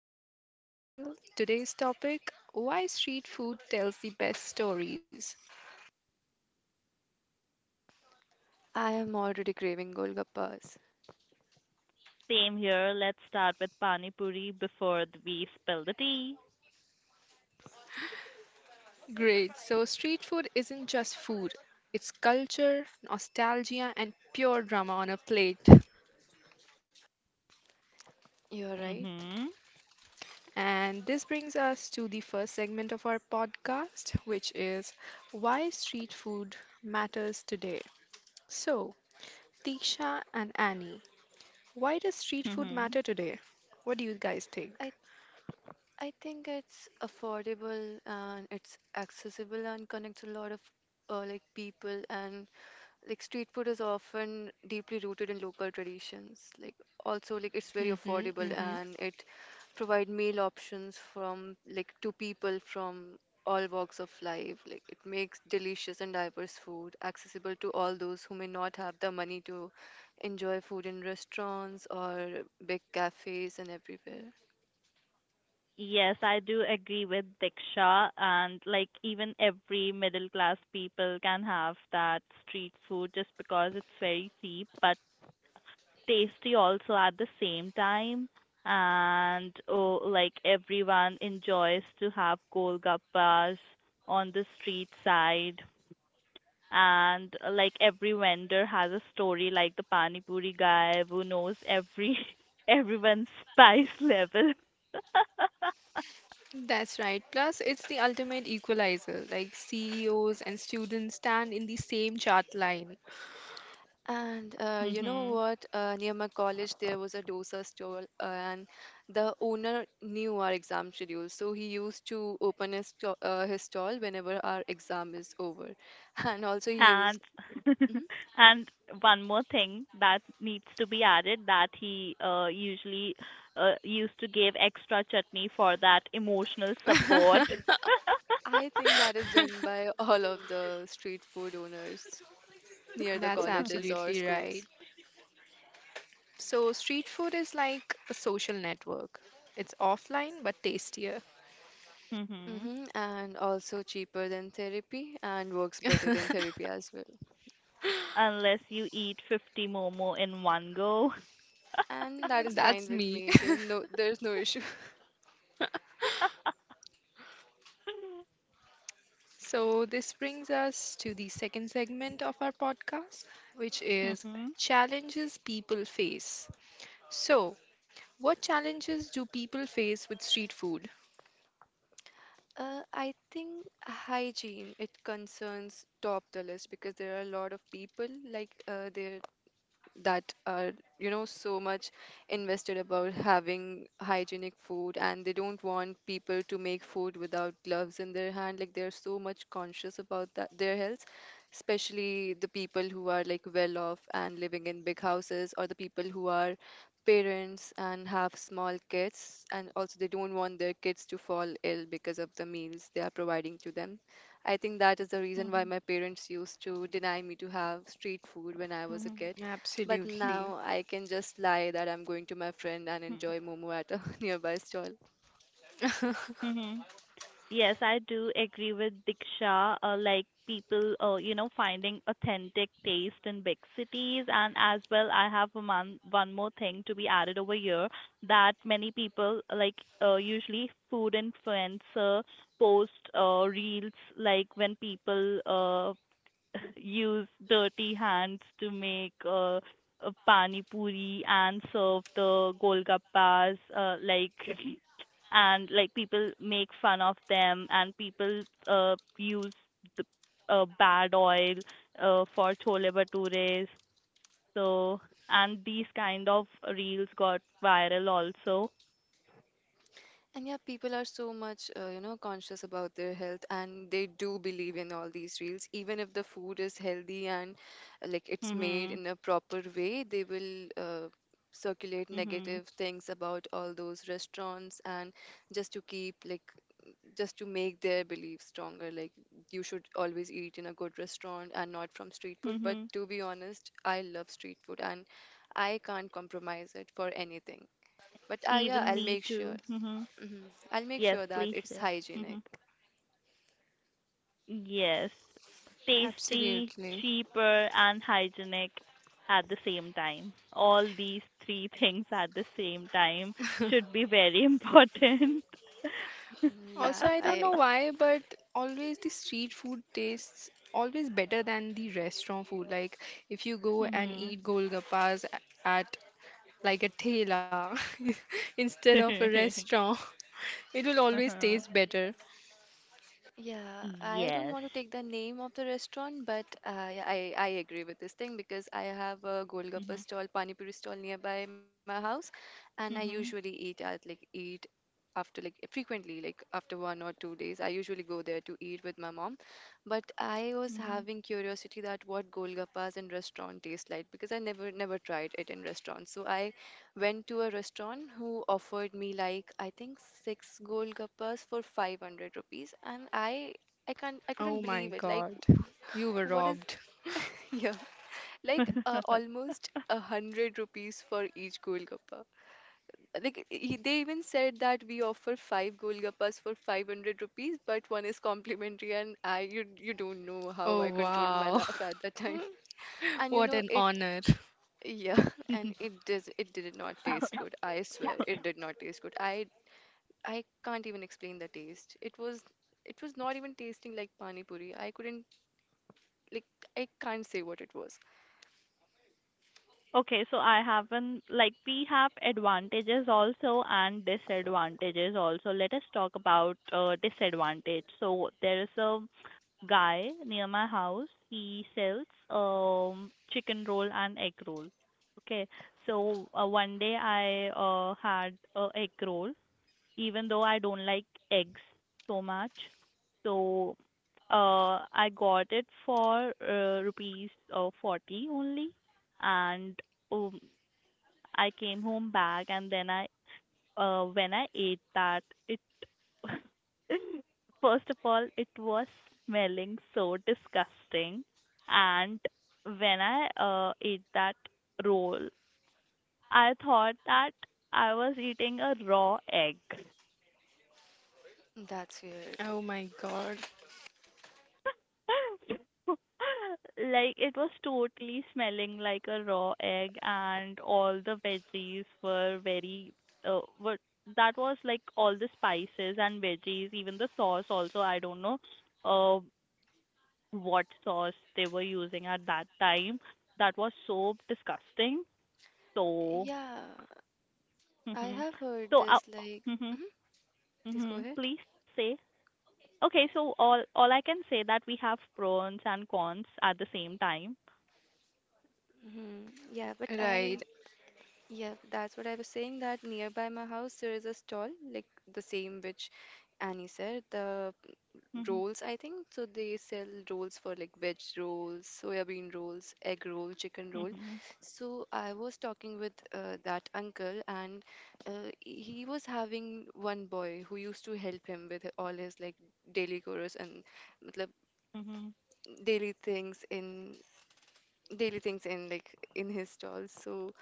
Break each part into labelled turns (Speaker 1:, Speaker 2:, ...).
Speaker 1: food special. Today's topic, why street food tells the best stories.
Speaker 2: I am already craving Golgappas.
Speaker 3: Same here. Let's start with Pani Puri before we spill the tea.
Speaker 1: Great, so street food isn't just food, it's culture, nostalgia, and pure drama on a plate.
Speaker 2: You're right.
Speaker 3: Mhm.
Speaker 1: And this brings us to the first segment of our podcast, which is why street food matters today. So, Tisha and Annie, why does street food
Speaker 3: Mhm.
Speaker 1: matter today? What do you guys
Speaker 2: I
Speaker 1: think?
Speaker 2: I think it's affordable and it's accessible and connects a lot of like people and like street food is often deeply rooted in local traditions. Like also like it's very
Speaker 1: Mm-hmm,
Speaker 2: affordable
Speaker 1: mm-hmm.
Speaker 2: and it provide meal options from like to people from all walks of life. Like it makes delicious and diverse food accessible to all those who may not have the money to enjoy food in restaurants or big cafes and everywhere.
Speaker 3: Yes, I do agree with Diksha and like even every middle class people can have that street food just because it's very cheap but tasty also at the same time. And oh, like everyone enjoys to have golgappas on the street side and like every vendor has a story like the pani puri guy who knows every everyone's spice level
Speaker 1: That's right. Plus, it's the ultimate equalizer. Like CEOs and students stand in the same chart line.
Speaker 2: And you know
Speaker 3: mhm
Speaker 2: what? Near my college, there was a dosa stall, and the owner knew our exam schedule, so he used to open his his stall whenever our exam is over, and also he
Speaker 3: and
Speaker 2: used. Mhm.
Speaker 3: and one more thing that needs to be added that he usually used to give extra chutney for that emotional support
Speaker 2: I think that is done by all of the street food owners near the
Speaker 1: That's
Speaker 2: colleges or
Speaker 1: absolutely right.
Speaker 2: schools.
Speaker 1: So, street food is like a social network. It's offline but tastier.
Speaker 3: mhm
Speaker 2: Mm-hmm. And also cheaper than therapy and works better than therapy as well.
Speaker 3: unless you eat 50 momo in one go.
Speaker 2: And that is fine
Speaker 1: That's
Speaker 2: with
Speaker 1: me.
Speaker 2: me. There's no issue.
Speaker 1: So, this brings us to the second segment of our podcast, which is
Speaker 3: Mhm.
Speaker 1: challenges people face. So, what challenges do people face with street food?
Speaker 2: I think hygiene, it concerns top the list because there are a lot of people like there that are you know so much invested about having hygienic food, and they don't want people to make food without gloves in their hand like they're so much conscious about that their health, especially the people who are like well off and living in big houses, or the people who are parents and have small kids, and also they don't want their kids to fall ill because of the meals they are providing to them. I think that is the reason why
Speaker 3: Mhm.
Speaker 2: my parents used to deny me to have street food when I was a
Speaker 3: Mhm.
Speaker 2: kid. But
Speaker 1: Absolutely.
Speaker 2: now I can just lie that I'm going to my friend and
Speaker 3: Mhm.
Speaker 2: enjoy momo at a nearby stall.
Speaker 3: Mhm. Yes, I do agree with Diksha. Like people, finding authentic taste in big cities, and as well, I have a one more thing to be added over here that many people like usually food influencer post reels like when people use dirty hands to make pani puri and serve the golgappas like and like people make fun of them and people use the bad oil for chole bhatures so and these kind of reels got viral also.
Speaker 2: And yeah, people are so much, you know, conscious about their health, and they do believe in all these reels. Even if the food is healthy and like it's made
Speaker 3: Mhm
Speaker 2: in a proper way, they will circulate
Speaker 3: mhm
Speaker 2: negative things about all those restaurants, and just to keep like just to make their belief stronger. Like you should always eat in a good restaurant and not from street food. But
Speaker 3: mhm
Speaker 2: to be honest, I love street food and I can't compromise it for anything. But ah, yeah,
Speaker 3: even
Speaker 2: I'll
Speaker 3: me
Speaker 2: make sure.
Speaker 3: too mhm
Speaker 2: Mhm. I'll make
Speaker 3: yes
Speaker 2: sure that
Speaker 3: please
Speaker 2: it's
Speaker 3: yeah.
Speaker 2: hygienic.
Speaker 3: mhm Yes, tasty,
Speaker 1: Absolutely.
Speaker 3: cheaper, and hygienic at the same time. All these three things at the same time should be very important.
Speaker 2: Mm, yeah,
Speaker 1: Also, I don't
Speaker 2: I
Speaker 1: know why, but always the street food tastes always better than the restaurant food. Like if you go and
Speaker 3: Mhm.
Speaker 1: eat golgappas at like a thela instead of a restaurant, it will always taste
Speaker 3: Uh-huh.
Speaker 1: better.
Speaker 2: yeah, I don't
Speaker 3: Yes.
Speaker 2: want to take the name of the restaurant, but I agree with this thing because I have a Golgappa
Speaker 3: Mhm.
Speaker 2: stall, Pani Puri stall nearby my house, and I usually
Speaker 3: Mhm.
Speaker 2: eat at like 8, after like frequently like after 1 or 2 days. I usually go there to eat with my mom, but I was having curiosity that what golgappas in restaurant taste like, because I never tried it in restaurants. So I went to a restaurant who offered me like I think six golgappas for 500 rupees, and I
Speaker 1: Oh
Speaker 2: couldn't
Speaker 1: my
Speaker 2: believe it. Like,
Speaker 1: God, you were
Speaker 2: what is,
Speaker 1: robbed.
Speaker 2: yeah, like
Speaker 3: Mhm.
Speaker 2: almost 100 rupees for each golgappa. Like they even said that we offer five golgappas for 500 rupees but one is complimentary, and I you don't know how
Speaker 1: Oh
Speaker 2: I controlled my
Speaker 1: wow.
Speaker 2: laugh at that time. And you
Speaker 1: What
Speaker 2: know
Speaker 1: an
Speaker 2: it,
Speaker 1: honor.
Speaker 2: yeah. And it did not taste good. I swear it did not taste good. I can't even explain the taste. It was, it was not even tasting like pani puri. I couldn't, like, I can't say what it was.
Speaker 3: Okay, so I haven't like we have advantages also and disadvantages also. Let us talk about disadvantage. So there is a guy near my house. He sells chicken roll and egg roll. Okay, so one day I had a egg roll even though I don't like eggs so much. So I got it for rupees 40 only, and um, I came home back, and then I when I ate that, it first of all it was smelling so disgusting, and when I ate that roll, I thought that I was eating a raw egg.
Speaker 2: That's weird.
Speaker 1: Oh my God.
Speaker 3: Like it was totally smelling like a raw egg, and all the veggies were very were that was like all the spices and veggies, even the sauce also. I don't know uh what sauce they were using at that time. That was so disgusting. So,
Speaker 2: Yeah, I
Speaker 3: mhm.
Speaker 2: have heard
Speaker 3: So,
Speaker 2: this like
Speaker 3: mhm,
Speaker 2: hmm, please go
Speaker 3: mhm.
Speaker 2: ahead.
Speaker 3: Please say. Okay, so all I can say that we have pros and cons at the same time.
Speaker 2: Hmm, yeah, but
Speaker 1: Right.
Speaker 2: I yeah, that's what I was saying, that nearby my house there is a stall like the same which Annie said, the
Speaker 3: Mm-hmm.
Speaker 2: rolls, I think, so they sell rolls for like veg rolls, soybean rolls, egg roll, chicken roll.
Speaker 3: Mm-hmm.
Speaker 2: So I was talking with that uncle, and he was having one boy who used to help him with all his like daily chores and matlab,
Speaker 3: Mm-hmm.
Speaker 2: daily things in his stall. So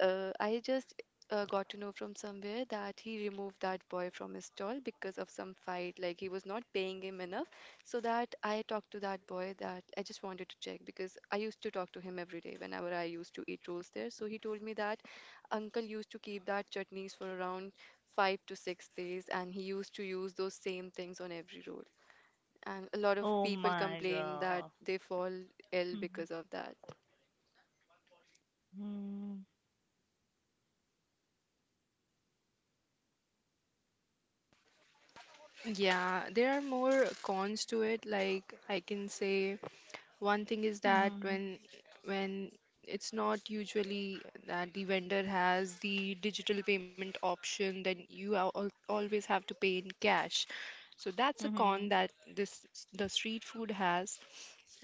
Speaker 2: I just got to know from somewhere that he removed that boy from his stall because of some fight. Like he was not paying him enough. So that I talked to that boy that I just wanted to check, because I used to talk to him every day whenever I used to eat rolls there. So he told me that uncle used to keep that chutneys for around 5 to 6 days, and he used to use those same things on every roll. And a lot of
Speaker 3: Oh
Speaker 2: people
Speaker 3: my
Speaker 2: complain that
Speaker 3: God.
Speaker 2: they fall ill
Speaker 3: Mm-hmm.
Speaker 2: because of that.
Speaker 3: Mm-hmm.
Speaker 1: Yeah, there are more cons to it. Like I can say one thing is that when it's not usually that the vendor has the digital payment option, then you are al always have to pay in cash. So that's a con
Speaker 3: Mm-hmm.
Speaker 1: that this the street food has.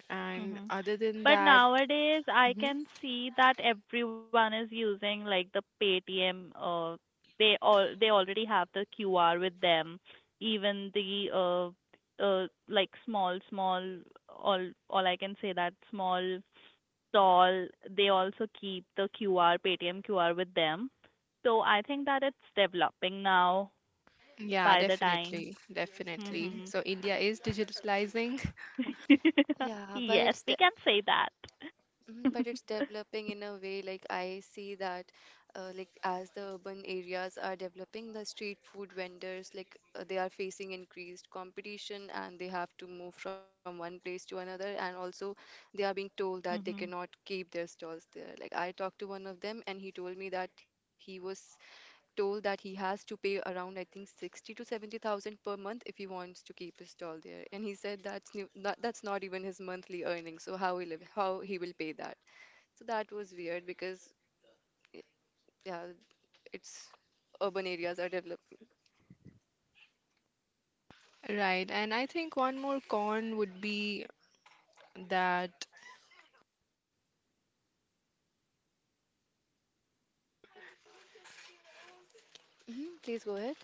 Speaker 1: And
Speaker 3: Mm-hmm.
Speaker 1: other than
Speaker 3: But
Speaker 1: that,
Speaker 3: nowadays, I
Speaker 1: Mhm.
Speaker 3: can see that everyone is using like the Paytm. They all they already have the QR with them. Even the like all I can say that small stall. They also keep the QR Paytm QR with them. So I think that it's developing now.
Speaker 1: yeah,
Speaker 3: By the time.
Speaker 1: definitely.
Speaker 3: Mhm.
Speaker 1: So India is digitalizing.
Speaker 2: Yeah, but
Speaker 3: Yes,
Speaker 2: it's
Speaker 3: we
Speaker 2: the
Speaker 3: can say that.
Speaker 2: Mm, but it's developing in a way like I see that, like as the urban areas are developing, the street food vendors like they are facing increased competition, and they have to move from one place to another, and also they are being told that they
Speaker 3: Mhm.
Speaker 2: cannot keep their stalls there. Like I talked to one of them, and he told me that he was told that he has to pay around I think 60 to 70,000 per month if he wants to keep his stall there. And he said that's new, not, that's not even his monthly earnings, so how he will pay that. So that was weird because yeah, it's urban areas are developing.
Speaker 1: Right, and I think one more con would be that.
Speaker 2: Hmm, please go ahead.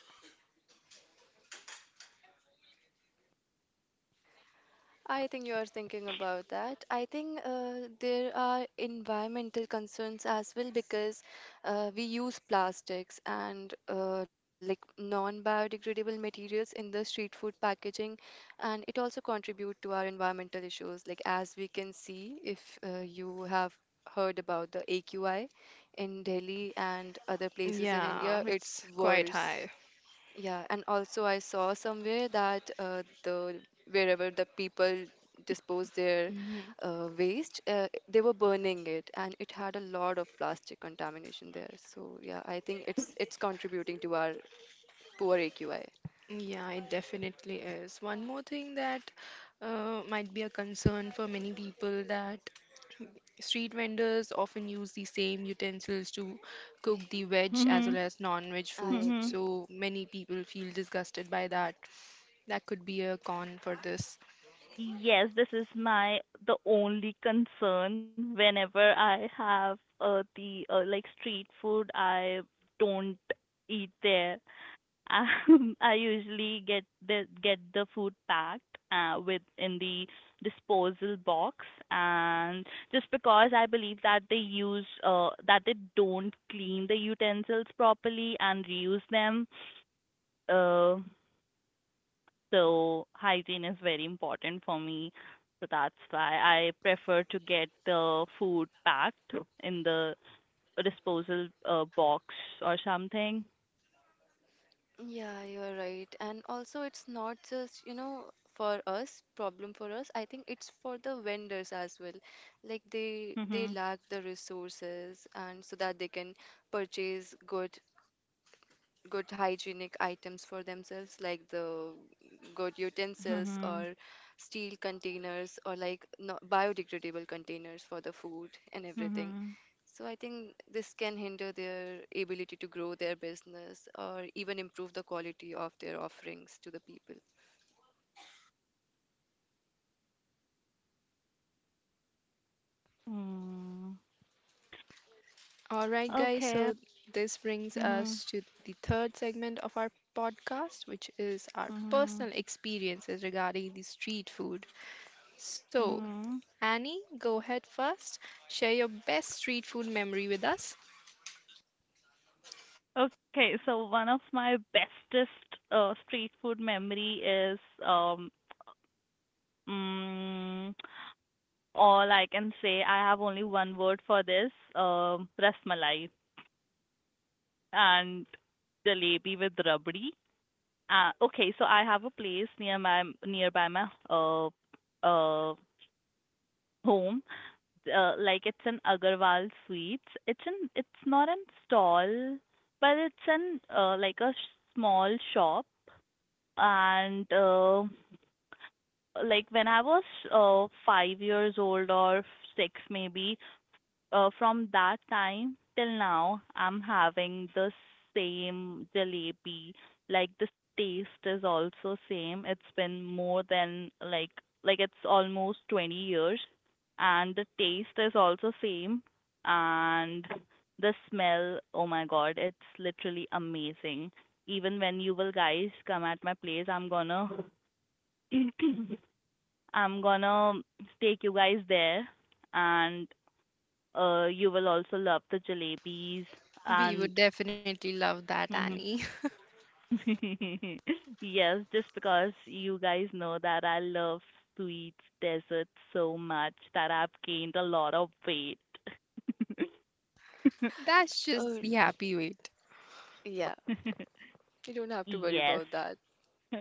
Speaker 2: I think you are thinking about that. I think there are environmental concerns as well, because we use plastics and like non-biodegradable materials in the street food packaging, and it also contribute to our environmental issues. Like as we can see, if you have heard about the AQI in Delhi and other places in
Speaker 1: Yeah,
Speaker 2: India,
Speaker 1: it's
Speaker 2: it's
Speaker 1: quite high.
Speaker 2: worse. Yeah, and also I saw somewhere that the wherever the people dispose their
Speaker 1: Hmm
Speaker 2: waste, they were burning it, and it had a lot of plastic contamination there. So yeah, I think it's contributing to our poor AQI.
Speaker 1: Yeah, it definitely is. One more thing that might be a concern for many people, that street vendors often use the same utensils to cook the veg as well
Speaker 3: Mhm.
Speaker 1: as non-veg
Speaker 2: I
Speaker 1: food,
Speaker 3: Mhm.
Speaker 2: agree.
Speaker 1: so many people feel disgusted by that. That could be a con for this.
Speaker 3: Yes, this is my the only concern whenever I have the like street food, I don't eat there. I usually get the food packed with in the disposal box, and just because I believe that they use that they don't clean the utensils properly and reuse them, uh, so hygiene is very important for me. So that's why I prefer to get the food packed in the disposal box or something.
Speaker 2: Yeah, you're right. And also, it's not just, you know, problem for us. I think it's for the vendors as well. Like they
Speaker 3: Mhm.
Speaker 2: lack the resources and so that they can purchase good hygienic items for themselves, like the good utensils
Speaker 3: Mhm.
Speaker 2: or steel containers or like no, biodegradable containers for the food and everything.
Speaker 3: Mhm.
Speaker 2: So I think this can hinder their ability to grow their business or even improve the quality of their offerings to the people.
Speaker 3: Mm,
Speaker 1: All right, guys,
Speaker 3: okay.
Speaker 1: so this brings us
Speaker 3: Mhm.
Speaker 1: to the third segment of our podcast, which is our personal
Speaker 3: Mhm.
Speaker 1: experiences regarding the street food. So,
Speaker 3: Mhm.
Speaker 1: Annie, go ahead first. Share your best street food memory with us.
Speaker 3: Okay, so one of my bestest street food memory is um mm, all I can say I have only one word for this rasmalai and jalebi with rabdi. Okay, so I have a place near my nearby my uh home, like it's in Agarwal Sweets. It's not an stall, but it's in like a small shop. And like when I was five years old or six maybe, from that time till now, I'm having the same jalebi. Like the taste is also same. It's been more than it's almost 20 years, and the taste is also same, and the smell. Oh my God, it's literally amazing. Even when you will guys come at my place, I'm gonna I'm gonna take you guys there and you will also love the jalebis and
Speaker 1: We would definitely love that,
Speaker 3: Mhm.
Speaker 1: Annie.
Speaker 3: yes, just because you guys know that I love sweets, desserts so much that I've gained a lot of weight.
Speaker 1: That's
Speaker 2: Oh
Speaker 1: just the happy wait.
Speaker 2: yeah, you don't have to worry
Speaker 3: Yes.
Speaker 2: about that.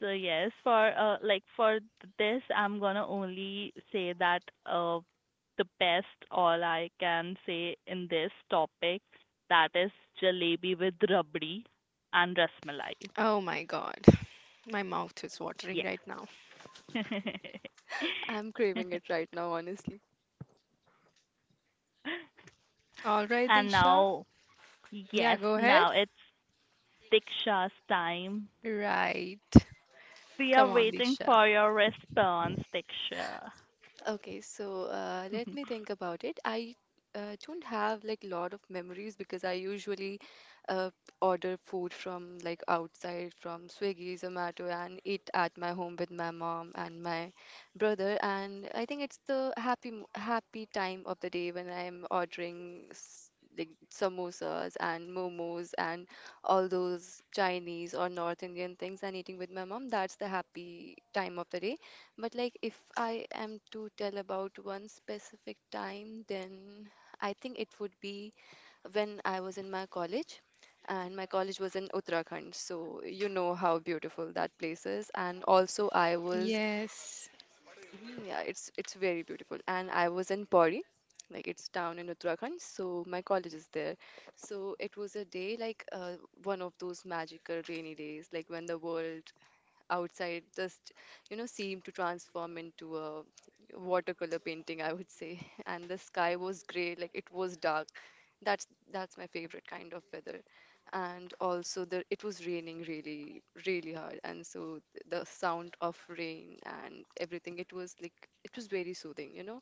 Speaker 3: So yes, for this, I'm gonna only say that uh, the best all I can say in this topic that is jalebi with rabdi and rasmalai.
Speaker 1: Oh my god, my mouth is watering
Speaker 3: Yeah.
Speaker 1: right now.
Speaker 2: I'm craving it right now, honestly.
Speaker 1: All right,
Speaker 3: And
Speaker 1: Disha.
Speaker 3: now,
Speaker 1: Yeah,
Speaker 3: yes,
Speaker 1: go
Speaker 3: now
Speaker 1: ahead.
Speaker 3: it's Diksha's time.
Speaker 1: Right.
Speaker 3: We
Speaker 1: Come
Speaker 3: are
Speaker 1: on,
Speaker 3: waiting
Speaker 1: Disha.
Speaker 3: for your response, Diksha.
Speaker 2: Okay, so let me think about it. I don't have like a lot of memories because I usually uh, order food from like outside from Swiggy, Zomato, and eat at my home with my mom and my brother. And I think it's the happy time of the day when I'm like samosas and momos and all those Chinese or North Indian things and eating with my mom. That's the happy time of the day. But like if I am to tell about one specific time, then I think it would be when I was in my college, and my college was in Uttarakhand. So you know how beautiful that place is. And also I was
Speaker 1: Yes,
Speaker 2: mhm, yeah, it's very beautiful. And I was in Pauri, like it's down in Uttarakhand, so my college is there. So it was a day like one of those magical rainy days, like when the world outside just you know seemed to transform into a watercolor painting, I would say. And the sky was gray, like it was dark. That's that's my favorite kind of weather. And also the it was raining really really hard, and so the sound of rain and everything, it was like it was very soothing, you know,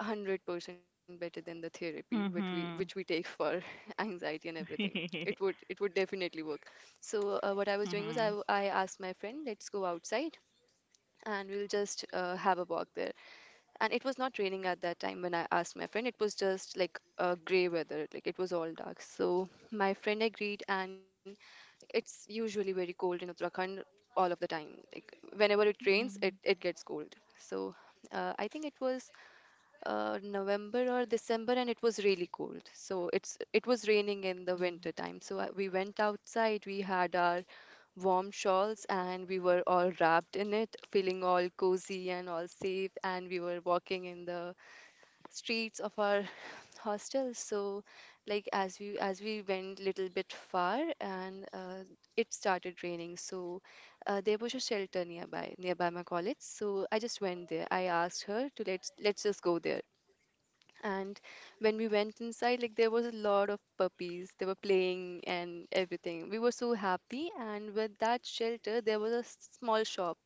Speaker 2: 100% better than the therapy which we
Speaker 3: Mm-hmm.
Speaker 2: take for anxiety and everything. it would it would definitely work. So what I was doing was
Speaker 3: Mm-hmm.
Speaker 2: I asked my friend let's go outside and we'll just have a walk there. And it was not raining at that time when I asked my friend, it was just like gray weather, like it was all dark. So my friend agreed. And it's usually very cold in Uttarakhand all of the time, like whenever it rains
Speaker 3: mm
Speaker 2: it gets cold. So I think it was November or December, and it was really cold. So it's it was raining in the winter time. So we went outside. We had our warm shawls, and we were all wrapped in it, feeling all cozy and all safe. And we were walking in the streets of our hostel. So, like as we went little bit far, and it started raining. So there was a shelter nearby my college, so I just went there. I asked her to let's just go there. And when we went inside, like, there was a lot of puppies. They were playing and everything. We were so happy. And with that shelter, there was a small shop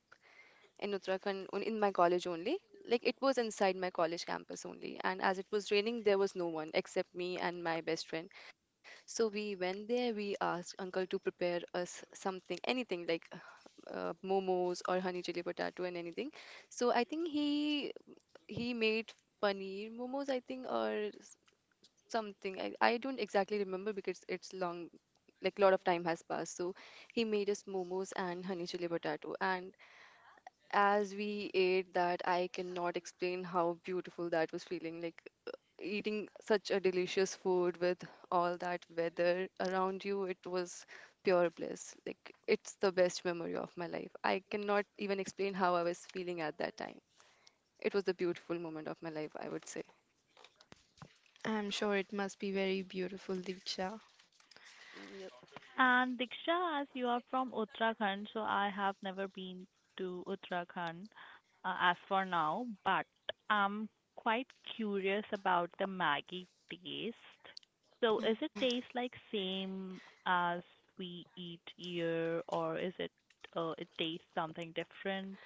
Speaker 2: in Uttarakhand, in my college only. Like, it was inside my college campus only. And as it was raining, there was no one except me and my best friend. So we went there. We asked uncle to prepare us something, anything, like momos or honey chili potato and anything. So I think he made paneer momos, I think, or something. I don't exactly remember because it's long, like a lot of time has passed. So he made us momos and honey chili potato. And as we ate that, I cannot explain how beautiful that was feeling. Like, eating such a delicious food with all that weather around you, it was pure bliss. Like, it's the best memory of my life. I cannot even explain how I was feeling at that time. It was the beautiful moment of my life, I would say.
Speaker 1: I'm sure it must be very beautiful, Diksha.
Speaker 2: Yep,
Speaker 3: And Diksha, as you are from Uttarakhand, so I have never been to Uttarakhand as for now, but I'm quite curious about the Maggi taste. So is it taste like same as we eat here, or is it it tastes something different?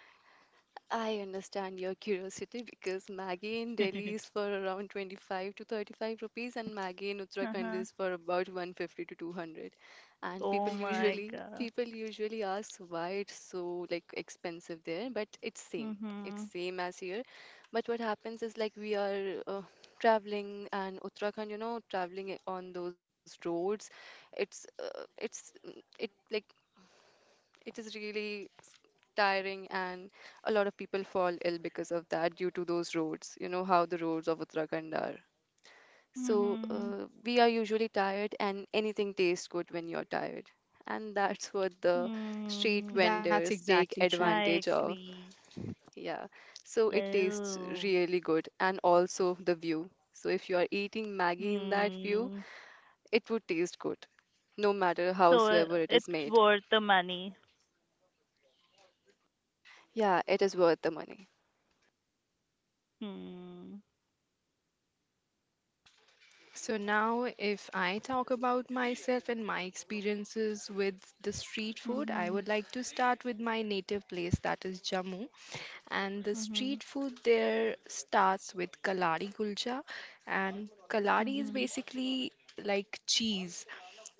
Speaker 2: I understand your curiosity because Maggi in Delhi is for around 25 to 35 rupees and Maggi in Uttarakhand
Speaker 3: Uh-huh.
Speaker 2: is for about 150 to 200. And people
Speaker 3: Oh my
Speaker 2: usually
Speaker 3: God.
Speaker 2: people usually ask why it's so like expensive there, but it's same. It's
Speaker 3: Hmm
Speaker 2: same as here. But what happens is, like, we are traveling and Uttarakhand, you know, traveling on those roads, it's it like It is really tiring, and a lot of people fall ill because of that, due to those roads. You know how the roads of Uttarakhand are. So
Speaker 3: Mm-hmm.
Speaker 2: we are usually tired, and anything tastes good when you're tired. And that's what the street
Speaker 3: Mm-hmm.
Speaker 1: That's
Speaker 2: vendors
Speaker 1: exactly
Speaker 2: take
Speaker 1: true.
Speaker 3: I
Speaker 2: advantage of.
Speaker 3: agree.
Speaker 2: Yeah. So it tastes
Speaker 3: Oh.
Speaker 2: really good, and also the view. So if you are eating Maggie in that view,
Speaker 3: Hmm.
Speaker 2: it would taste good, no matter
Speaker 3: So
Speaker 2: howsoever it is
Speaker 3: it's
Speaker 2: made.
Speaker 3: worth the money.
Speaker 2: Yeah, it is worth the money.
Speaker 3: Hmm.
Speaker 1: So now, if I talk about myself and my experiences with the street food, I
Speaker 3: Mhm.
Speaker 1: would like to start with my native place, that is Jammu. And the
Speaker 3: Mhm.
Speaker 1: street food there starts with kalari kulcha, and kalari is
Speaker 3: Mhm.
Speaker 1: basically like cheese.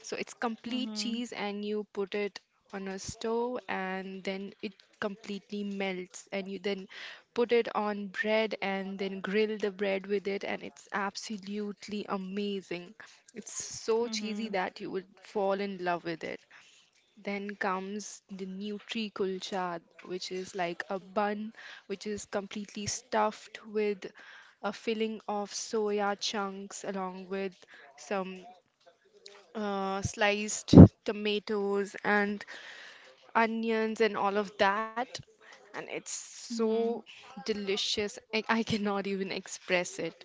Speaker 1: So it's complete
Speaker 3: Mhm.
Speaker 1: cheese, and you put it on a stove and then it completely melts and you then put it on bread and then grill the bread with it and it's absolutely amazing. It's so cheesy
Speaker 3: Mhm.
Speaker 1: that you would fall in love with it. Then comes the Nutri Kulcha, which is like a bun which is completely stuffed with a filling of soya chunks along with some sliced tomatoes and onions and all of that. And it's so delicious. I cannot even express it.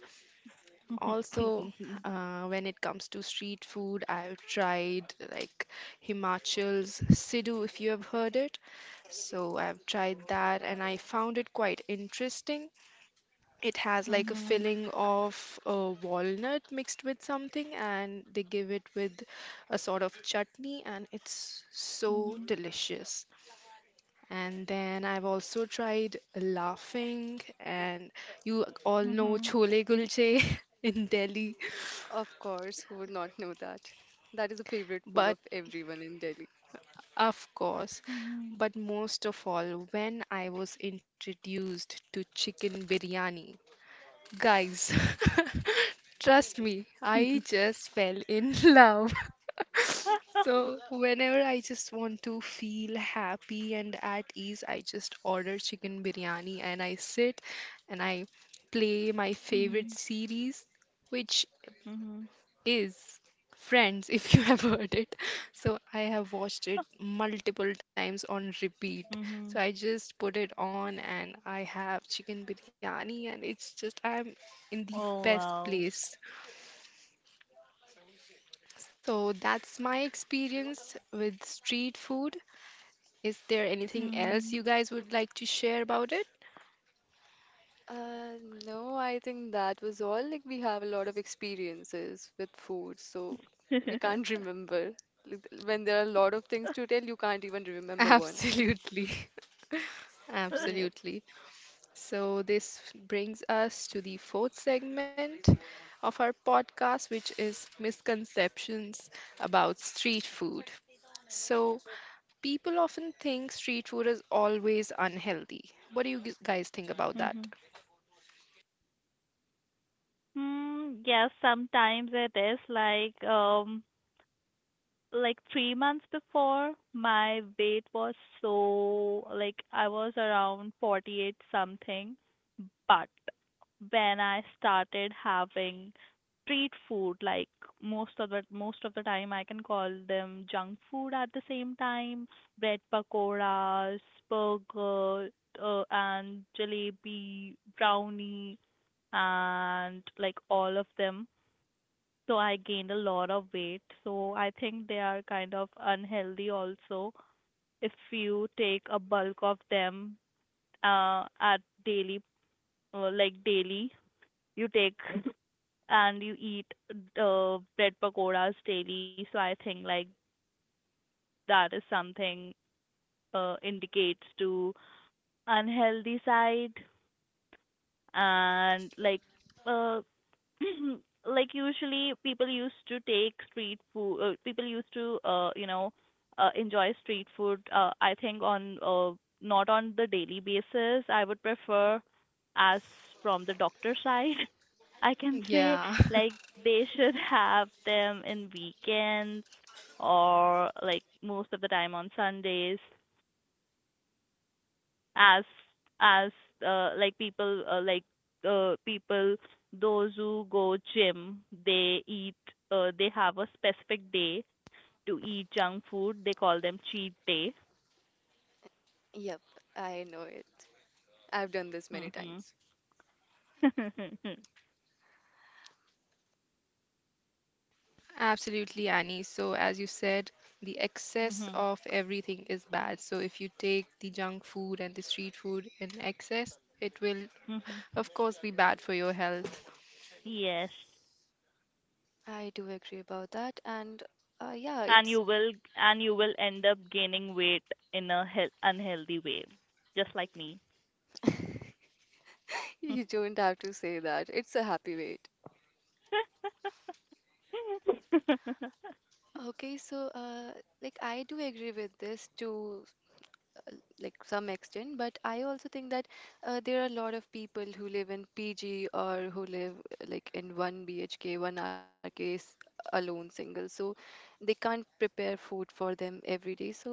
Speaker 3: Mhm.
Speaker 1: Also,
Speaker 3: Mhm.
Speaker 1: when it comes to street food, I've tried like Himachal's Sidhu, if you have heard it. So I've tried that and I found it quite interesting. It has like a
Speaker 3: Mhm.
Speaker 1: filling of walnut mixed with something, and they give it with a sort of chutney, and it's so
Speaker 3: Mhm.
Speaker 1: delicious. And then I've also tried laughing, and you all know
Speaker 3: Mhm.
Speaker 1: chole kulche in Delhi.
Speaker 2: Of course, who would not know that? That is the favorite food
Speaker 1: But
Speaker 2: of everyone in Delhi.
Speaker 1: of course,
Speaker 3: Mhm.
Speaker 1: but most of all, when I was introduced to chicken biryani, guys, trust me, I
Speaker 3: Mhm.
Speaker 1: just fell in love. So, whenever I just want to feel happy and at ease, I just order chicken biryani and I sit and I play my favorite
Speaker 3: Mhm.
Speaker 1: series, which
Speaker 3: Mhm.
Speaker 1: is Friends, if you have heard it. So I have watched it multiple times on repeat.
Speaker 3: Mhm.
Speaker 1: So I just put it on and I have chicken biryani and it's just I'm in the
Speaker 3: Oh
Speaker 1: best
Speaker 3: wow.
Speaker 1: place. So that's my experience with street food. Is there anything else you
Speaker 3: Mhm.
Speaker 1: guys would like to share about it?
Speaker 2: Uh, no, I think that was all. Like, we have a lot of experiences with food, so we can't remember. Like, when there are a lot of things to tell, you can't even remember one.
Speaker 1: Absolutely.
Speaker 2: Yep,
Speaker 1: Absolutely. So, this brings us to the fourth segment of our podcast, which is misconceptions about street food. So, people often think street food is always unhealthy. What do you guys think about that?
Speaker 3: Mhm. Mm, yes, sometimes it is like 3 months before my weight was so like I was around 48 something, but when I started having street food like most of the time I can call them junk food at the same time, bread pakoras, burger, and jalebi, brownie and like all of them so I gained a lot of weight. So I think they are kind of unhealthy also if you take a bulk of them at daily, daily, you take and you eat bread pakoras daily. So I think like that is something indicates to unhealthy side and like uh, like usually people used to take street food people used to enjoy street food I think on not on the daily basis I would prefer as from the doctor side I can say
Speaker 1: Yeah,
Speaker 3: like they should have them in weekends or like most of the time on sundays as as like people people those who go gym they eat they have a specific day to eat junk food they call them cheat day
Speaker 2: yep, I know it. I've done this many
Speaker 3: mm-hmm.
Speaker 2: times.
Speaker 1: absolutely, Annie. So, as you said, the excess
Speaker 3: mhm
Speaker 1: of everything is bad. So, if you take the junk food and the street food in excess, it will,
Speaker 3: mhm
Speaker 1: of course, be bad for your health.
Speaker 3: yes
Speaker 2: I do agree about that, and yeah,
Speaker 3: and
Speaker 2: it's
Speaker 3: you will end up gaining weight in a unhealthy way just like me.
Speaker 2: you don't have to say that. It's a happy wait.
Speaker 3: Mhm.
Speaker 2: Okay, so like, I do agree with this too. uh, like, some extent, but I also think that there are a lot of people who live in pg or who live like in 1 bhk 1 rk alone, single, so they can't prepare food for them every day. So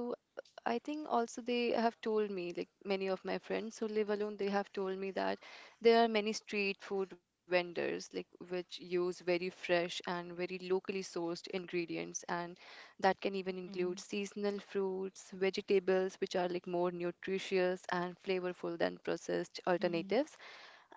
Speaker 2: I think, also, they have told me, like many of my friends who live alone, they have told me that there are many street food vendors, like which use very fresh and very locally sourced ingredients, and that can even include seasonal fruits, vegetables, which are like more nutritious and flavorful than processed
Speaker 3: Mhm.
Speaker 2: alternatives.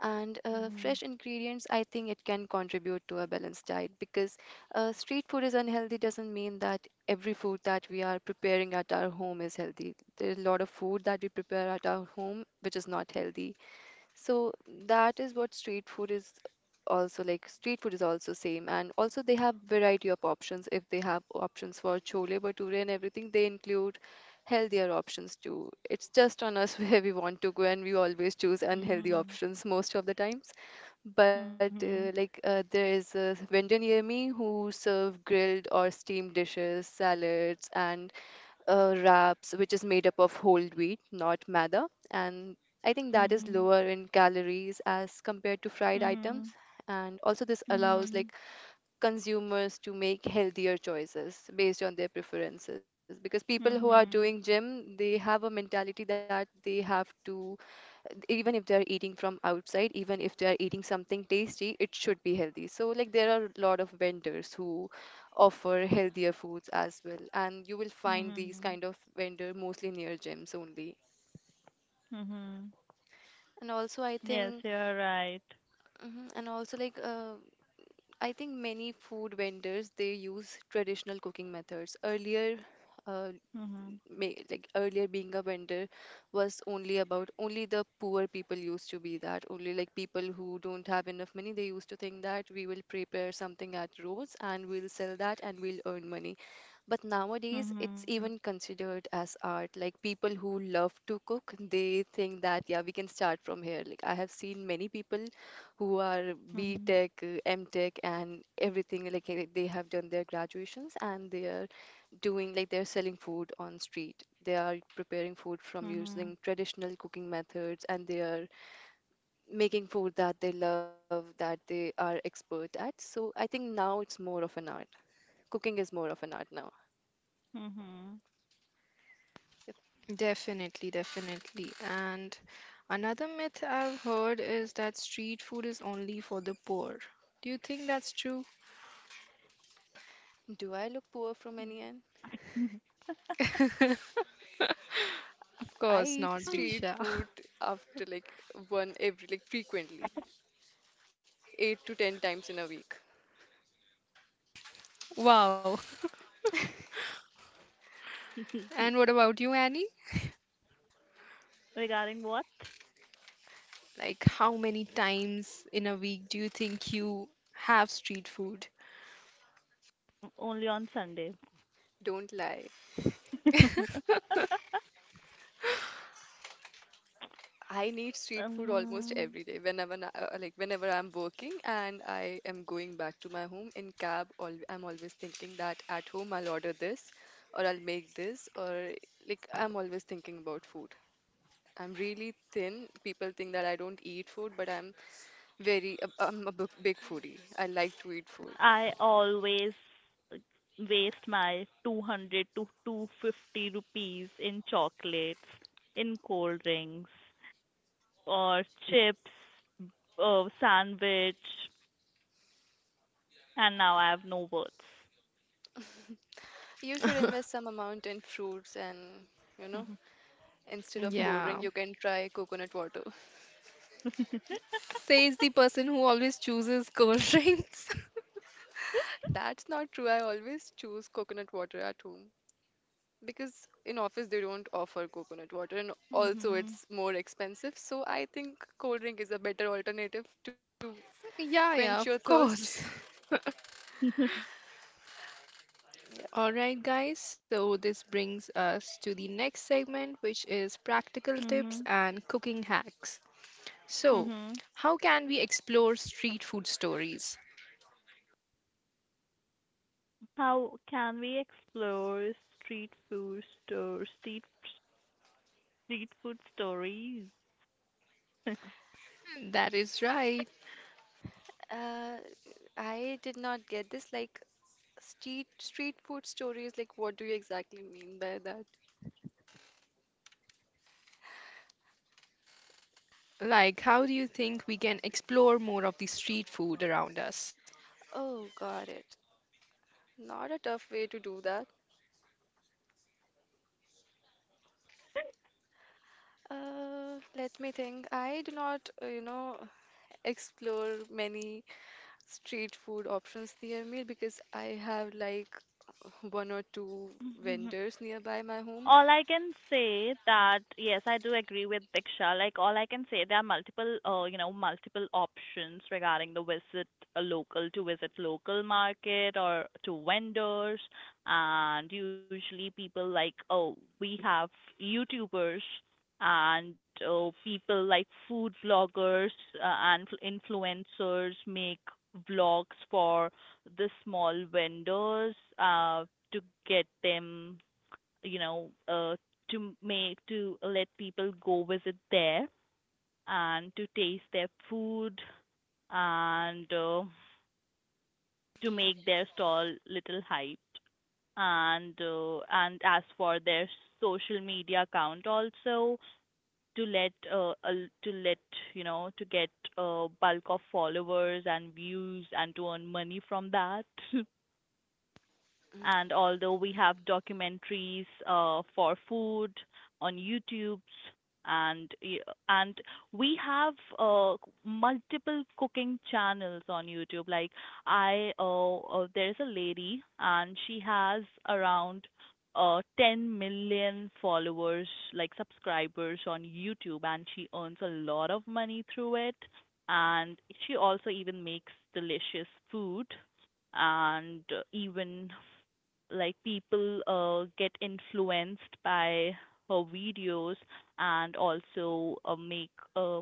Speaker 2: And
Speaker 3: Mhm.
Speaker 2: fresh ingredients, I think it can contribute to a balanced diet because street food is unhealthy doesn't mean that every food that we are preparing at our home is healthy. There's a lot of food that we prepare at our home which is not healthy, so that is what street food is also like. Street food is also same, and also they have variety of options. If they have options for chole bhature and everything, they include healthier options too. It's just on us where we want to go, and we always choose unhealthy
Speaker 3: Mhm.
Speaker 2: options most of the times. But
Speaker 3: Mhm.
Speaker 2: there is a vendor near me who serve grilled or steamed dishes, salads, and wraps, which is made up of whole wheat, not maida. And I think that is
Speaker 3: Mhm.
Speaker 2: lower in calories as compared to fried items.
Speaker 3: Mhm.
Speaker 2: And also, this allows,
Speaker 3: Mhm.
Speaker 2: like, consumers to make healthier choices based on their preferences. Because people who are doing
Speaker 3: Mhm.
Speaker 2: gym, they have a mentality that they have to, even if they're eating from outside, even if they're eating something tasty, it should be healthy. So, like, there are a lot of vendors who offer healthier foods as well, and you will find
Speaker 3: Mhm.
Speaker 2: these kind of vendor mostly near gyms only.
Speaker 3: Mhm.
Speaker 2: And also, I
Speaker 3: Yes,
Speaker 2: think,
Speaker 3: you're right.
Speaker 2: mhm, and also, like, I think many food vendors they use traditional cooking methods. Earlier, uh,
Speaker 3: Mhm.
Speaker 2: like, earlier being a vendor was only about, only the poor people used to be that, only like people who don't have enough money, they used to think that we will prepare something at roads and we'll sell that and we'll earn money. But nowadays it's
Speaker 3: Mhm.
Speaker 2: even considered as art, like people who love to cook, they think that, yeah, we can start from here. Like, I have seen many people who are B
Speaker 3: Mhm.
Speaker 2: tech, M tech, and everything, like they have done their graduations and they are doing, like, they're selling food on street. They are preparing food from
Speaker 3: Mhm.
Speaker 2: using traditional cooking methods and they are making food that they love, that they are expert at. So I think now it's more of an art. Cooking is more of an art now.
Speaker 3: Mhm.
Speaker 2: Yep.
Speaker 1: Definitely. And another myth I've heard is that street food is only for the poor. Do you think that's true?
Speaker 2: Do I look poor from any end?
Speaker 3: Mhm.
Speaker 1: Of
Speaker 2: I
Speaker 1: course
Speaker 2: eat
Speaker 1: not,
Speaker 2: street
Speaker 1: Diksha.
Speaker 2: food after like one every, like, frequently, 8 to 10 times in a week.
Speaker 1: Wow. And what about you, Annie?
Speaker 3: Regarding what?
Speaker 1: Like, how many times in a week do you think you have street food?
Speaker 3: Only on Sunday.
Speaker 2: Don't lie. I need street food almost
Speaker 3: um,
Speaker 2: every day, whenever like, whenever I'm working and I am going back to my home in cab al, I'm always thinking that at home I'll order this or I'll make this, or like I'm always thinking about food. I'm really thin. People think that I don't eat food, but I'm very I'm a big foodie. I like to eat food.
Speaker 3: I always uh, waste my 200 to 250 rupees in chocolates, in cold drinks, or chips, sandwich, and now I have no words.
Speaker 2: You should invest some amount in fruits and, you know, instead of cold
Speaker 1: Yeah.
Speaker 2: drink you can try coconut water.
Speaker 1: Says the person who always chooses cold drinks.
Speaker 2: That's not true. I always choose coconut water at home. Because in office they don't offer coconut water and also
Speaker 3: hmm
Speaker 2: it's more expensive. So I think cold drink is a better alternative to quench
Speaker 1: Yeah,
Speaker 2: your
Speaker 1: yeah, of
Speaker 2: thirst.
Speaker 1: course.
Speaker 3: hmm
Speaker 2: Yeah.
Speaker 1: All right, guys, so this brings us to the next segment, which is practical tips and cooking hacks. So,
Speaker 3: hmm
Speaker 1: how can we explore street food stories?
Speaker 3: How can we explore street food store, street street food stories?
Speaker 1: That is right.
Speaker 2: Uh, I did not get this. Like, street street food stories. Like, what do you exactly mean by that?
Speaker 1: Like, how do you think we can explore more of the street food around us?
Speaker 2: Oh, got it. Not a tough way to do that. Let me think. I do not, you know, explore many street food options near me because I have like one or two vendors nearby my home.
Speaker 3: All I can say that yes, I do agree with Diksha. Like all I can say, there are multiple, multiple options regarding the visit a local to visit local market or to vendors, and usually people like oh we have YouTubers and oh people like food vloggers and influencers make vlogs for the small vendors to get them you know, uh, to make to let people go visit there and to taste their food and to make their stall little hyped and as for their social media account also to let to let you know to get bulk of followers and views and to earn money from that.
Speaker 2: Mm,
Speaker 3: And although we have documentaries for food on YouTube, and and we have uh, multiple cooking channels on YouTube. Like there is a lady, and she has around 10 million followers, like subscribers on YouTube, and she earns a lot of money through it. And she also even makes delicious food and even like people get influenced by her videos and also make uh,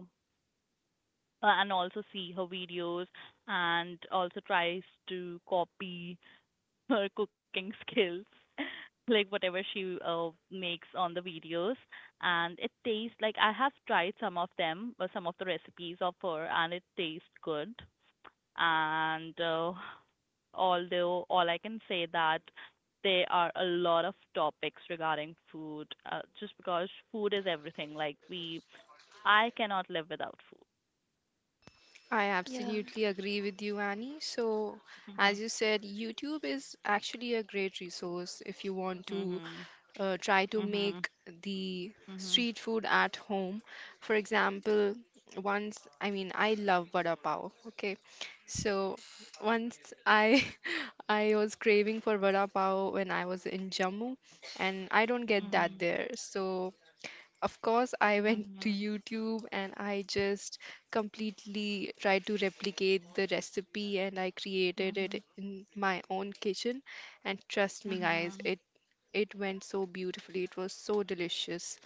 Speaker 3: and also see her videos and also tries to copy her cooking skills like whatever she makes on the videos and it tastes like I have tried some of them or some of the recipes of her and it tastes good and although all I can say that there are a lot of topics regarding food, just because food is everything. I cannot live without food.
Speaker 1: I
Speaker 2: yeah,
Speaker 1: absolutely agree with you, Annie. So, as you
Speaker 3: Mhm.
Speaker 1: said, YouTube is actually a great resource if you want to
Speaker 3: Mhm.
Speaker 1: try to make
Speaker 3: Mhm.
Speaker 1: the street
Speaker 3: Mhm.
Speaker 1: food at home. For example, once, I mean, I love vada pav, okay? So, once I I was craving for vada pav when I was in Jammu, and I don't get that
Speaker 3: Mhm.
Speaker 1: there. So, of course, I went to
Speaker 3: Mhm.
Speaker 1: YouTube and I just completely tried to replicate the recipe and I created it in my own kitchen. And trust
Speaker 3: Mhm.
Speaker 1: me, guys,
Speaker 3: Mhm.
Speaker 1: it went so beautifully. It was so delicious.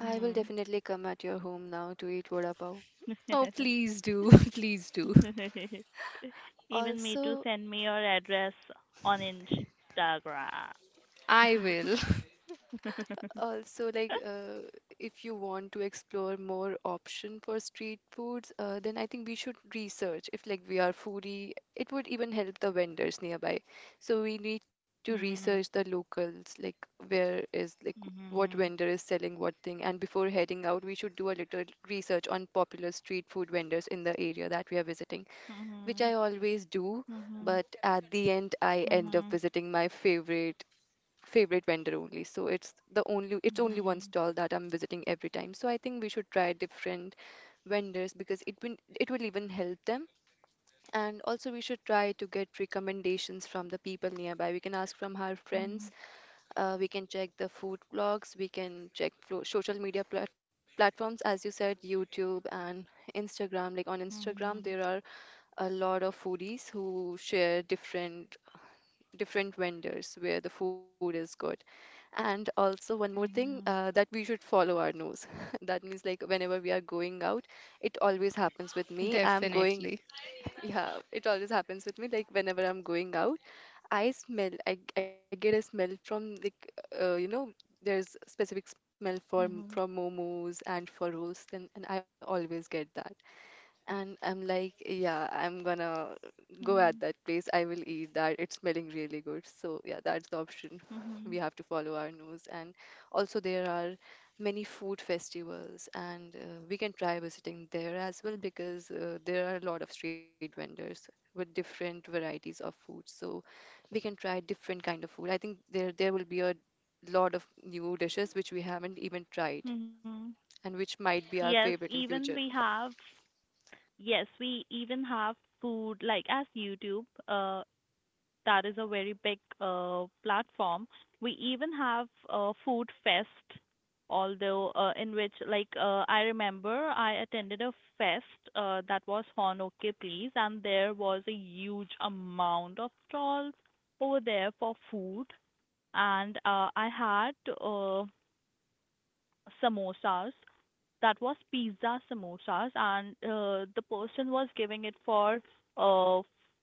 Speaker 2: I will definitely come at your home now to eat vada pav.
Speaker 1: Oh,
Speaker 3: Mhm.
Speaker 1: please do, please do.
Speaker 3: Even me to
Speaker 2: Also,
Speaker 3: Send me your address on Instagram.
Speaker 1: I will.
Speaker 2: also, like, if you want to explore more option for street foods, then I think we should research. If, like, we are foodie, it would even help the vendors nearby. So we need to research the
Speaker 3: Mhm.
Speaker 2: locals, like, where is like what vendor
Speaker 3: Mhm.
Speaker 2: is selling what thing. And before heading out, we should do a little research on popular street food vendors in the area that we are visiting, which I
Speaker 3: Mhm.
Speaker 2: always do.
Speaker 3: Mhm.
Speaker 2: But at the end, I end up
Speaker 3: Mhm.
Speaker 2: visiting my favorite vendor only. So it's the only, it's only one
Speaker 3: Mhm.
Speaker 2: stall that I'm visiting every time. So I think we should try different vendors because it will even help them. And also we should try to get recommendations from the people nearby. We can ask from our
Speaker 3: Mhm.
Speaker 2: friends. We can check the food blogs. We can check social media platforms, as you said, YouTube and Instagram. Like on Instagram, there
Speaker 3: Mhm.
Speaker 2: are a lot of foodies who share different vendors where the food is good. And also, one more thing,
Speaker 3: Mhm.
Speaker 2: that we should follow our nose. That means, like, whenever we are going out, it always happens with me. I'm going,
Speaker 1: Definitely.
Speaker 2: yeah, it always happens with me. Like, whenever I'm going out, I smell, I get a smell from, like, you know, there's specific smell for
Speaker 3: Mhm.
Speaker 2: from momos and for rolls, then, and I always get that. And I'm like, yeah, I'm gonna go
Speaker 3: Mhm.
Speaker 2: at that place. I will eat that. It's smelling really good. So, yeah, that's the option.
Speaker 3: Mhm.
Speaker 2: We have to follow our nose. And also, there are many food festivals, and we can try visiting there as well because there are a lot of street vendors with different varieties of food. So, we can try different kind of food. I think there will be a lot of new dishes which we haven't even tried
Speaker 3: Mhm.
Speaker 2: and which might be
Speaker 3: Yes,
Speaker 2: our favorite in
Speaker 3: even we
Speaker 2: future.
Speaker 3: have, yes, we even have food like as YouTube. That is a very big platform. We even have a food fest, although in which I remember I attended a fest that was on OK Please, and there was a huge amount of stalls over there for food, and I had samosas that was pizza samosas, and the person was giving it for uh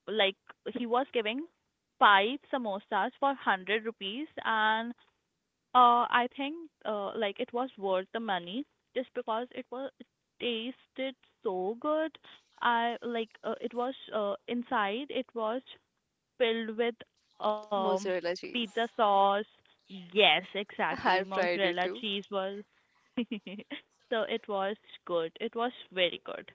Speaker 3: like he was giving five samosas for 100 rupees, and I think it was worth the money just because it tasted so good. I like it was inside. It was filled with um
Speaker 2: Mozzarella
Speaker 3: pizza
Speaker 2: cheese.
Speaker 3: sauce. Yes, exactly.
Speaker 2: I've tried it
Speaker 3: Mozzarella
Speaker 2: too.
Speaker 3: cheese was. So it was good. It was very good.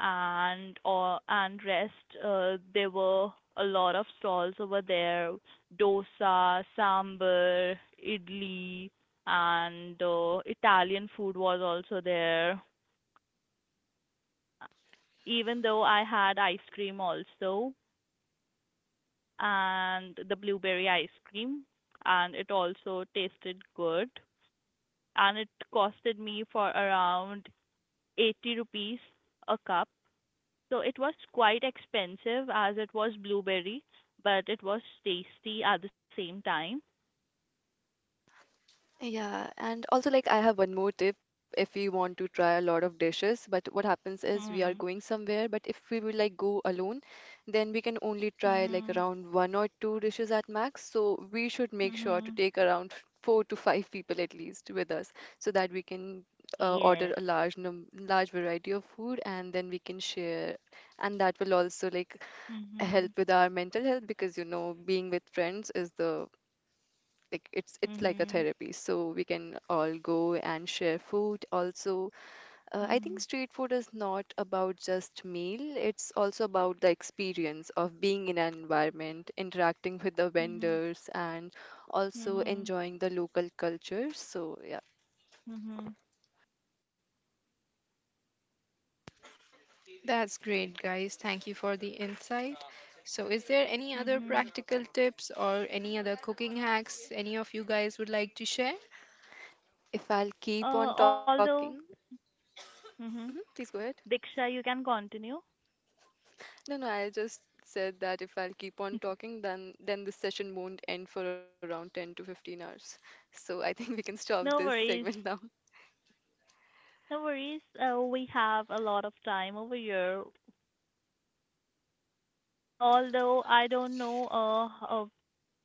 Speaker 3: And rest, there were a lot of stalls over there. Dosa, sambar, idli, and Italian food was also there. Even though I had ice cream also, and the blueberry ice cream, and it also tasted good. And it costed me for around 80 rupees a cup. So it was quite expensive as it was blueberry, but it was tasty at the same time.
Speaker 2: Yeah, and also like I have one more tip if we want to try a lot of dishes, but what happens is we are
Speaker 3: Mm-hmm.
Speaker 2: going somewhere, but if we will like go alone, then we can only try like
Speaker 3: Mm-hmm.
Speaker 2: around one or two dishes at max. So we should make sure to
Speaker 3: Mm-hmm.
Speaker 2: take around four to five people at least with us so that we can order
Speaker 3: Yes.
Speaker 2: a large variety of food and then we can share. And that will also like help
Speaker 3: Mm-hmm.
Speaker 2: with our mental health because you know being with friends is the like it's like a
Speaker 3: Mm-hmm.
Speaker 2: therapy, so we can all go and share food also. I think
Speaker 3: Mm-hmm.
Speaker 2: street food is not about just meal, it's also about the experience of being in an environment, interacting with the
Speaker 3: Mm-hmm.
Speaker 2: vendors and also
Speaker 3: Mm-hmm.
Speaker 2: enjoying the local culture, so yeah.
Speaker 3: Mm-hmm.
Speaker 1: That's great, guys. Thank you for the insight. So, is there any other
Speaker 3: Mm-hmm.
Speaker 1: practical tips or any other cooking hacks any of you guys would like to share?
Speaker 2: If I'll keep on talking.
Speaker 3: Although,
Speaker 2: Mhm,
Speaker 3: mm-hmm.
Speaker 2: please go ahead.
Speaker 3: Diksha, you can continue.
Speaker 2: No, no, I just said that if I'll keep on talking, then this session won't end for around 10 to 15 hours, so I think we can stop
Speaker 3: No
Speaker 2: this
Speaker 3: worries.
Speaker 2: segment now.
Speaker 3: No worries. We have a lot of time over here. Although I don't know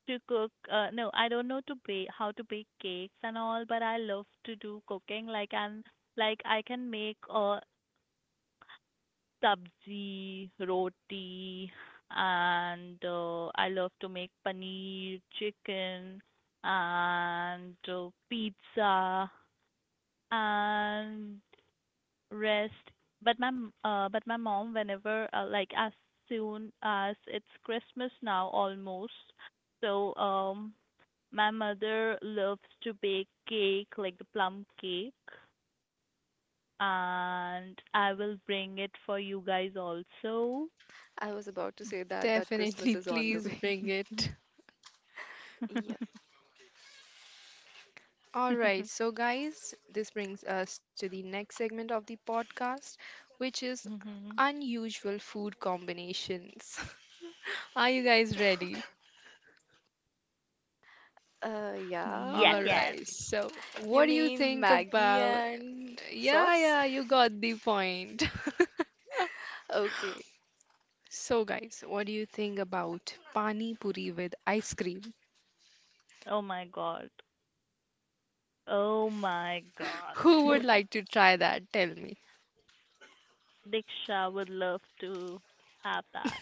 Speaker 3: to cook, no, I don't know to bake cakes and all, but I love to do cooking, like, and like I can make sabzi roti, and I love to make paneer chicken, and pizza and rest. But my mom, whenever, like as soon as it's Christmas now, almost, so my mother loves to bake cake, like the plum cake, and I will bring it for you guys also.
Speaker 2: I was about to say that
Speaker 1: Definitely,
Speaker 2: Christmas is on the
Speaker 1: please
Speaker 2: way.
Speaker 1: bring it.
Speaker 2: Yep.
Speaker 1: All right, so guys, this brings us to the next segment of the podcast, which is unusual food combinations. Are you guys ready?
Speaker 3: Yes,
Speaker 2: Yeah.
Speaker 1: All
Speaker 3: yes.
Speaker 1: right, so what
Speaker 2: You
Speaker 1: do you
Speaker 2: mean
Speaker 1: think
Speaker 2: Maggie
Speaker 1: about?
Speaker 2: and
Speaker 1: Yeah,
Speaker 2: sauce?
Speaker 1: yeah, you got the point.
Speaker 2: Okay.
Speaker 1: So, guys, what do you think about pani puri with ice cream?
Speaker 3: Oh my God. Oh my God.
Speaker 1: Who would like to try that? Tell me.
Speaker 3: Diksha would love to have that.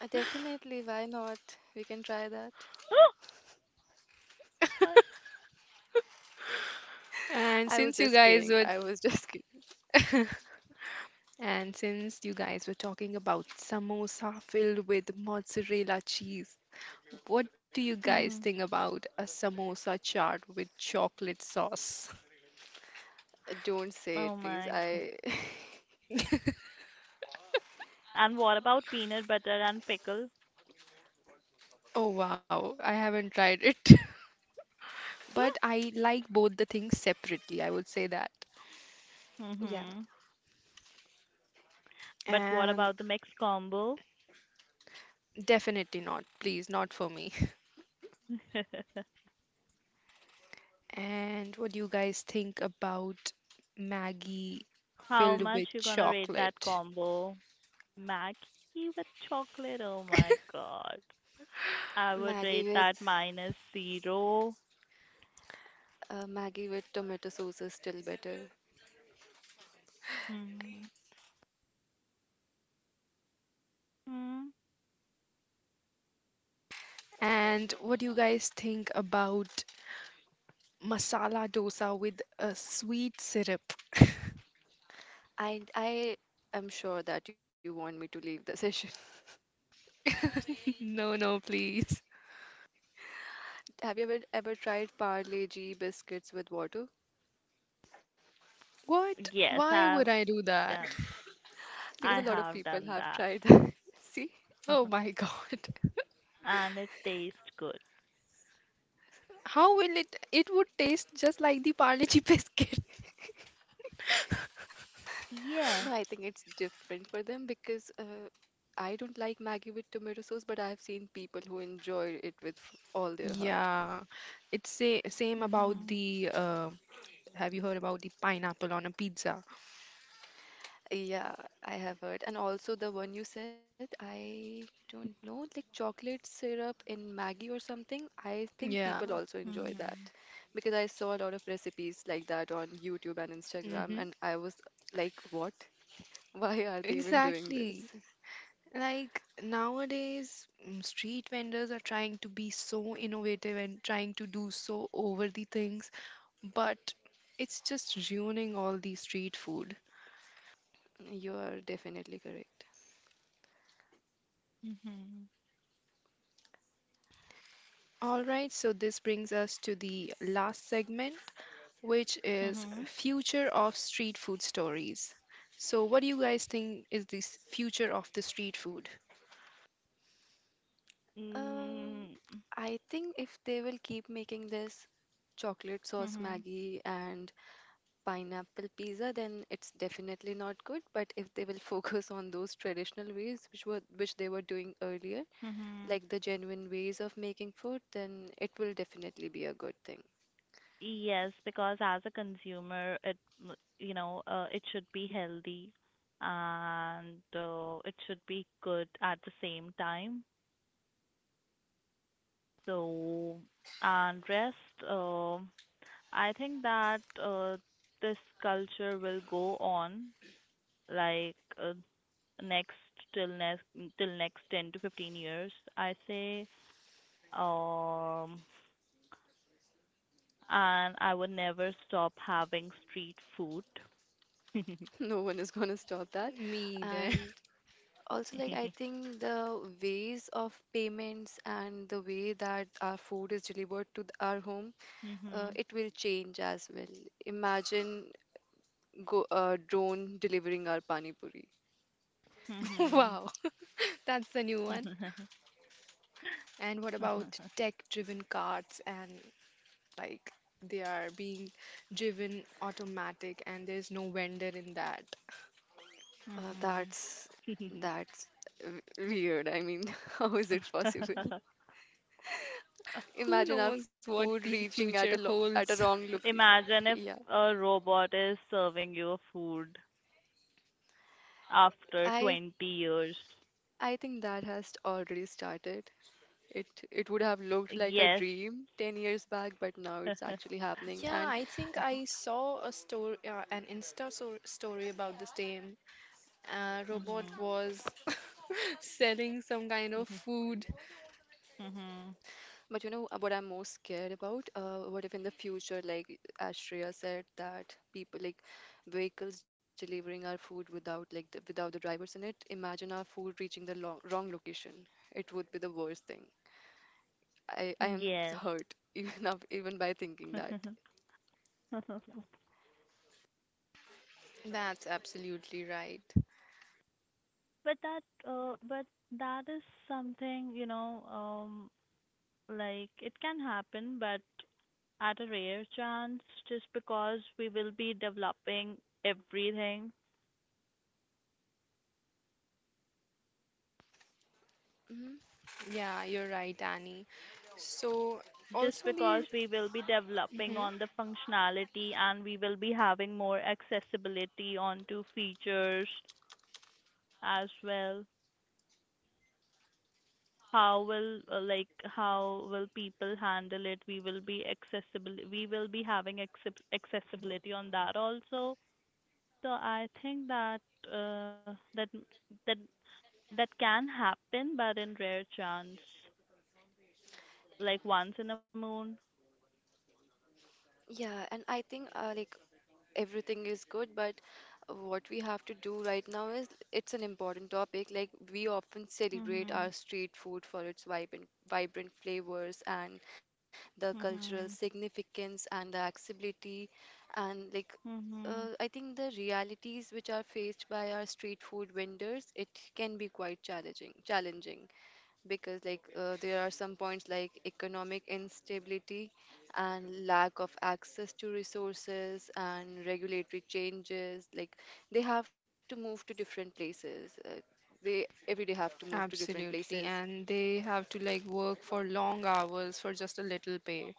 Speaker 2: Definitely. Why not? We can try that.
Speaker 3: Why?
Speaker 1: And
Speaker 2: I was
Speaker 1: since you
Speaker 2: just
Speaker 1: guys
Speaker 2: kidding.
Speaker 1: were
Speaker 2: I was just kidding.
Speaker 1: And since you guys were talking about samosa filled with mozzarella cheese, what do you guys
Speaker 3: Hmm.
Speaker 1: think about a samosa chaat with chocolate sauce?
Speaker 2: Don't say it,
Speaker 3: Oh
Speaker 2: please.
Speaker 3: my God.
Speaker 2: I.
Speaker 3: And what about peanut butter and pickle?
Speaker 1: Oh wow, I haven't tried it. But I like both the things separately, I would say that.
Speaker 2: Yeah.
Speaker 3: hmm. But what
Speaker 1: And
Speaker 3: about the mixed combo?
Speaker 1: definitely not, please, not for me. And what do you guys think about Maggie
Speaker 3: How
Speaker 1: filled
Speaker 3: much
Speaker 1: with
Speaker 3: you gonna rate that
Speaker 1: chocolate?
Speaker 3: combo? Maggie with chocolate? Oh my god. I would
Speaker 2: Maggie
Speaker 3: rate
Speaker 2: with
Speaker 3: that minus zero.
Speaker 2: uh, Maggie with tomato sauce is still better.
Speaker 3: Hmm. Hmm.
Speaker 1: And what do you guys think about masala dosa with a sweet syrup?
Speaker 2: I am sure that you want me to leave the session.
Speaker 1: No, no, please.
Speaker 2: Have you ever tried Parle-G biscuits with water?
Speaker 1: What?
Speaker 3: Yes,
Speaker 1: Why would I do that?
Speaker 3: done
Speaker 2: Because a
Speaker 3: I
Speaker 2: lot of
Speaker 3: have
Speaker 2: people
Speaker 3: done
Speaker 2: have
Speaker 3: that.
Speaker 2: tried. That. See?
Speaker 1: Oh my God.
Speaker 3: And it tastes good.
Speaker 1: How will it? It would taste just like the Parle-G biscuit.
Speaker 2: No,
Speaker 3: Yes.
Speaker 2: I think it's different for them because I don't like Maggie with tomato sauce, but I've seen people who enjoy it with all their
Speaker 1: Yeah,
Speaker 2: heart.
Speaker 1: it's sa same about
Speaker 3: Mm-hmm.
Speaker 1: the have you heard about the pineapple on a pizza?
Speaker 2: Yeah, I have heard. And also the one you said, I don't know, like chocolate syrup in Maggie or something. I think
Speaker 1: Yeah.
Speaker 2: people also enjoy that
Speaker 3: Hmm.
Speaker 2: because I saw a lot of recipes like that on YouTube and Instagram,
Speaker 1: hmm
Speaker 2: and I was like, what? Why are they even doing this?
Speaker 1: Exactly. Like nowadays, mm, street vendors are trying to be so innovative and trying to do so over the things, but it's just ruining all the street food.
Speaker 2: You are definitely correct.
Speaker 3: Hmm.
Speaker 1: All right, so this brings us to the last segment, which is
Speaker 3: Hmm.
Speaker 1: future of street food stories. So, what do you guys think is the future of the street food?
Speaker 2: Um, I think if they will keep making this chocolate sauce
Speaker 3: Mm-hmm.
Speaker 2: Maggie and pineapple pizza, then it's definitely not good. But if they will focus on those traditional ways which they were doing earlier,
Speaker 3: Hmm.
Speaker 2: like the genuine ways of making food, then it will definitely be a good thing.
Speaker 3: Yes, because as a consumer, it, m- you know, it should be healthy, and it should be good at the same time. So, and rest, uh, I think that this culture will go on, like, uh, next till next till next 10 to 15 years, I say. Um, and I would never stop having street food.
Speaker 2: No one is gonna stop that.
Speaker 1: Me there.
Speaker 2: And also, like I think the ways of payments and the way that our food is delivered to our home.
Speaker 3: Mhm.
Speaker 2: It will change as well. Imagine go drone delivering our pani puri.
Speaker 3: Mhm.
Speaker 1: Wow, that's the new one. And what about tech-driven carts and, like they are being driven automatic and there's no vendor in that.
Speaker 2: Uh,
Speaker 3: Mhm.
Speaker 2: that's that's Weird. I mean, how is it possible? Imagine
Speaker 1: Who
Speaker 2: our
Speaker 1: knows
Speaker 2: food
Speaker 1: what the
Speaker 2: reaching at a lo
Speaker 1: future
Speaker 2: at a wrong
Speaker 1: holds?
Speaker 2: location.
Speaker 3: Imagine
Speaker 2: Yeah,
Speaker 3: if a robot is serving you food after
Speaker 2: I
Speaker 3: 20 years.
Speaker 2: I think that has already started. It it would have looked like a
Speaker 3: Yes.
Speaker 2: dream 10 years back, but now it's actually happening.
Speaker 1: Yeah,
Speaker 2: And
Speaker 1: I think I saw a story, an Insta story about the same. Robot
Speaker 3: Mhm.
Speaker 1: was selling some kind of
Speaker 3: Mhm.
Speaker 1: food.
Speaker 3: Mhm.
Speaker 2: but you know, what I'm most scared about? What if in the future, like as Shreya said, that people like vehicles delivering our food without like without the drivers in it? Imagine our food reaching the lo wrong location. It would be the worst thing. I am
Speaker 3: Yes.
Speaker 2: hurt even by thinking that.
Speaker 1: That's absolutely right.
Speaker 3: But that, but that is something, like it can happen, but at a rare chance, just because we will be developing everything,
Speaker 2: Hmm.
Speaker 1: Yeah, you're right, Annie. So
Speaker 3: just
Speaker 1: also
Speaker 3: because
Speaker 1: the
Speaker 3: we will be developing
Speaker 1: Mhm.
Speaker 3: on the functionality, and we will be having more accessibility onto features as well. How will, like, how will people handle it? We will be accessible, we will be having accessibility on that also. So I think that uh, that that that can happen, but in rare chance. Like once in a moon.
Speaker 2: Yeah, and I think like everything is good, but what we have to do right now is it's an important topic. Like we often celebrate our
Speaker 3: Mhm.
Speaker 2: street food for its vibrant flavors and the cultural
Speaker 3: Mhm.
Speaker 2: significance and the accessibility. And like
Speaker 3: Mhm.
Speaker 2: I think the realities which are faced by our street food vendors, it can be quite challenging. Challenging, because like there are some points like economic instability and lack of access to resources and regulatory changes, like they have to move to different places. They every day have to move to different
Speaker 1: Absolutely,
Speaker 2: places.
Speaker 1: and they have to like work for long hours for just a little pay.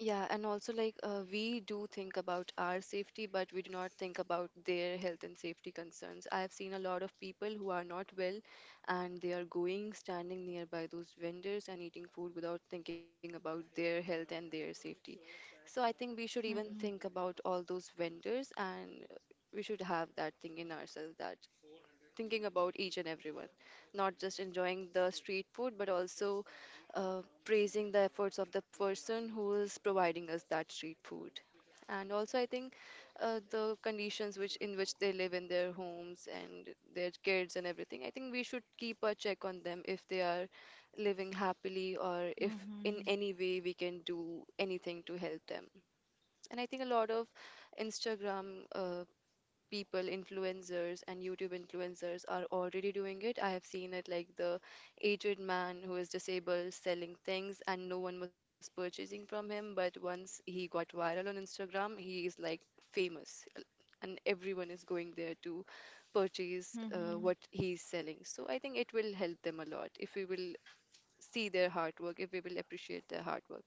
Speaker 2: Yeah, and also like we do think about our safety, but we do not think about their health and safety concerns. I have seen a lot of people who are not well and they are going, standing nearby those vendors and eating food without thinking about their health and their safety. So I think we should even think
Speaker 3: Mhm.
Speaker 2: about all those vendors, and we should have that thing in ourselves, that thinking about each and everyone, not just enjoying the street food, but also praising the efforts of the person who is providing us that street food. And also, I think the conditions which in which they live in their homes and their kids and everything, I think we should keep a check on them if they are living happily or if in any way people, influencers, and YouTube influencers are already doing it. I have seen it, like the aged man who is disabled selling things and no one was purchasing from him. But once he got viral on Instagram, he is like famous, and everyone is going there to purchase
Speaker 3: Mhm.
Speaker 2: what he is selling. So I think it will help them a lot if we will see their hard work, if we will appreciate their hard work.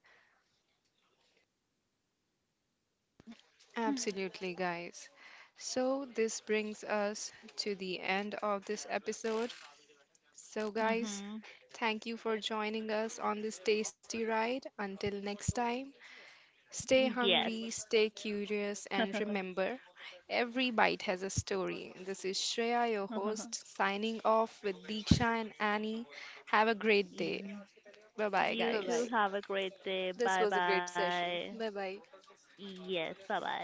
Speaker 3: Mhm.
Speaker 1: Absolutely, guys. So, this brings us to the end of this episode. So, guys,
Speaker 3: Mhm.
Speaker 1: thank you for joining us on this tasty ride. Until next time, stay
Speaker 3: Yes.
Speaker 1: hungry, stay curious, and remember every bite has a story. This is Shreya, your host, signing off with Deeksha and Annie. Have a great day.
Speaker 3: You
Speaker 1: Bye bye,
Speaker 3: You
Speaker 2: Bye bye.
Speaker 3: too
Speaker 1: guys.
Speaker 3: have a great day.
Speaker 2: This
Speaker 3: Bye
Speaker 2: was a great
Speaker 3: bye.
Speaker 2: session. Bye bye.
Speaker 3: Yes, bye bye.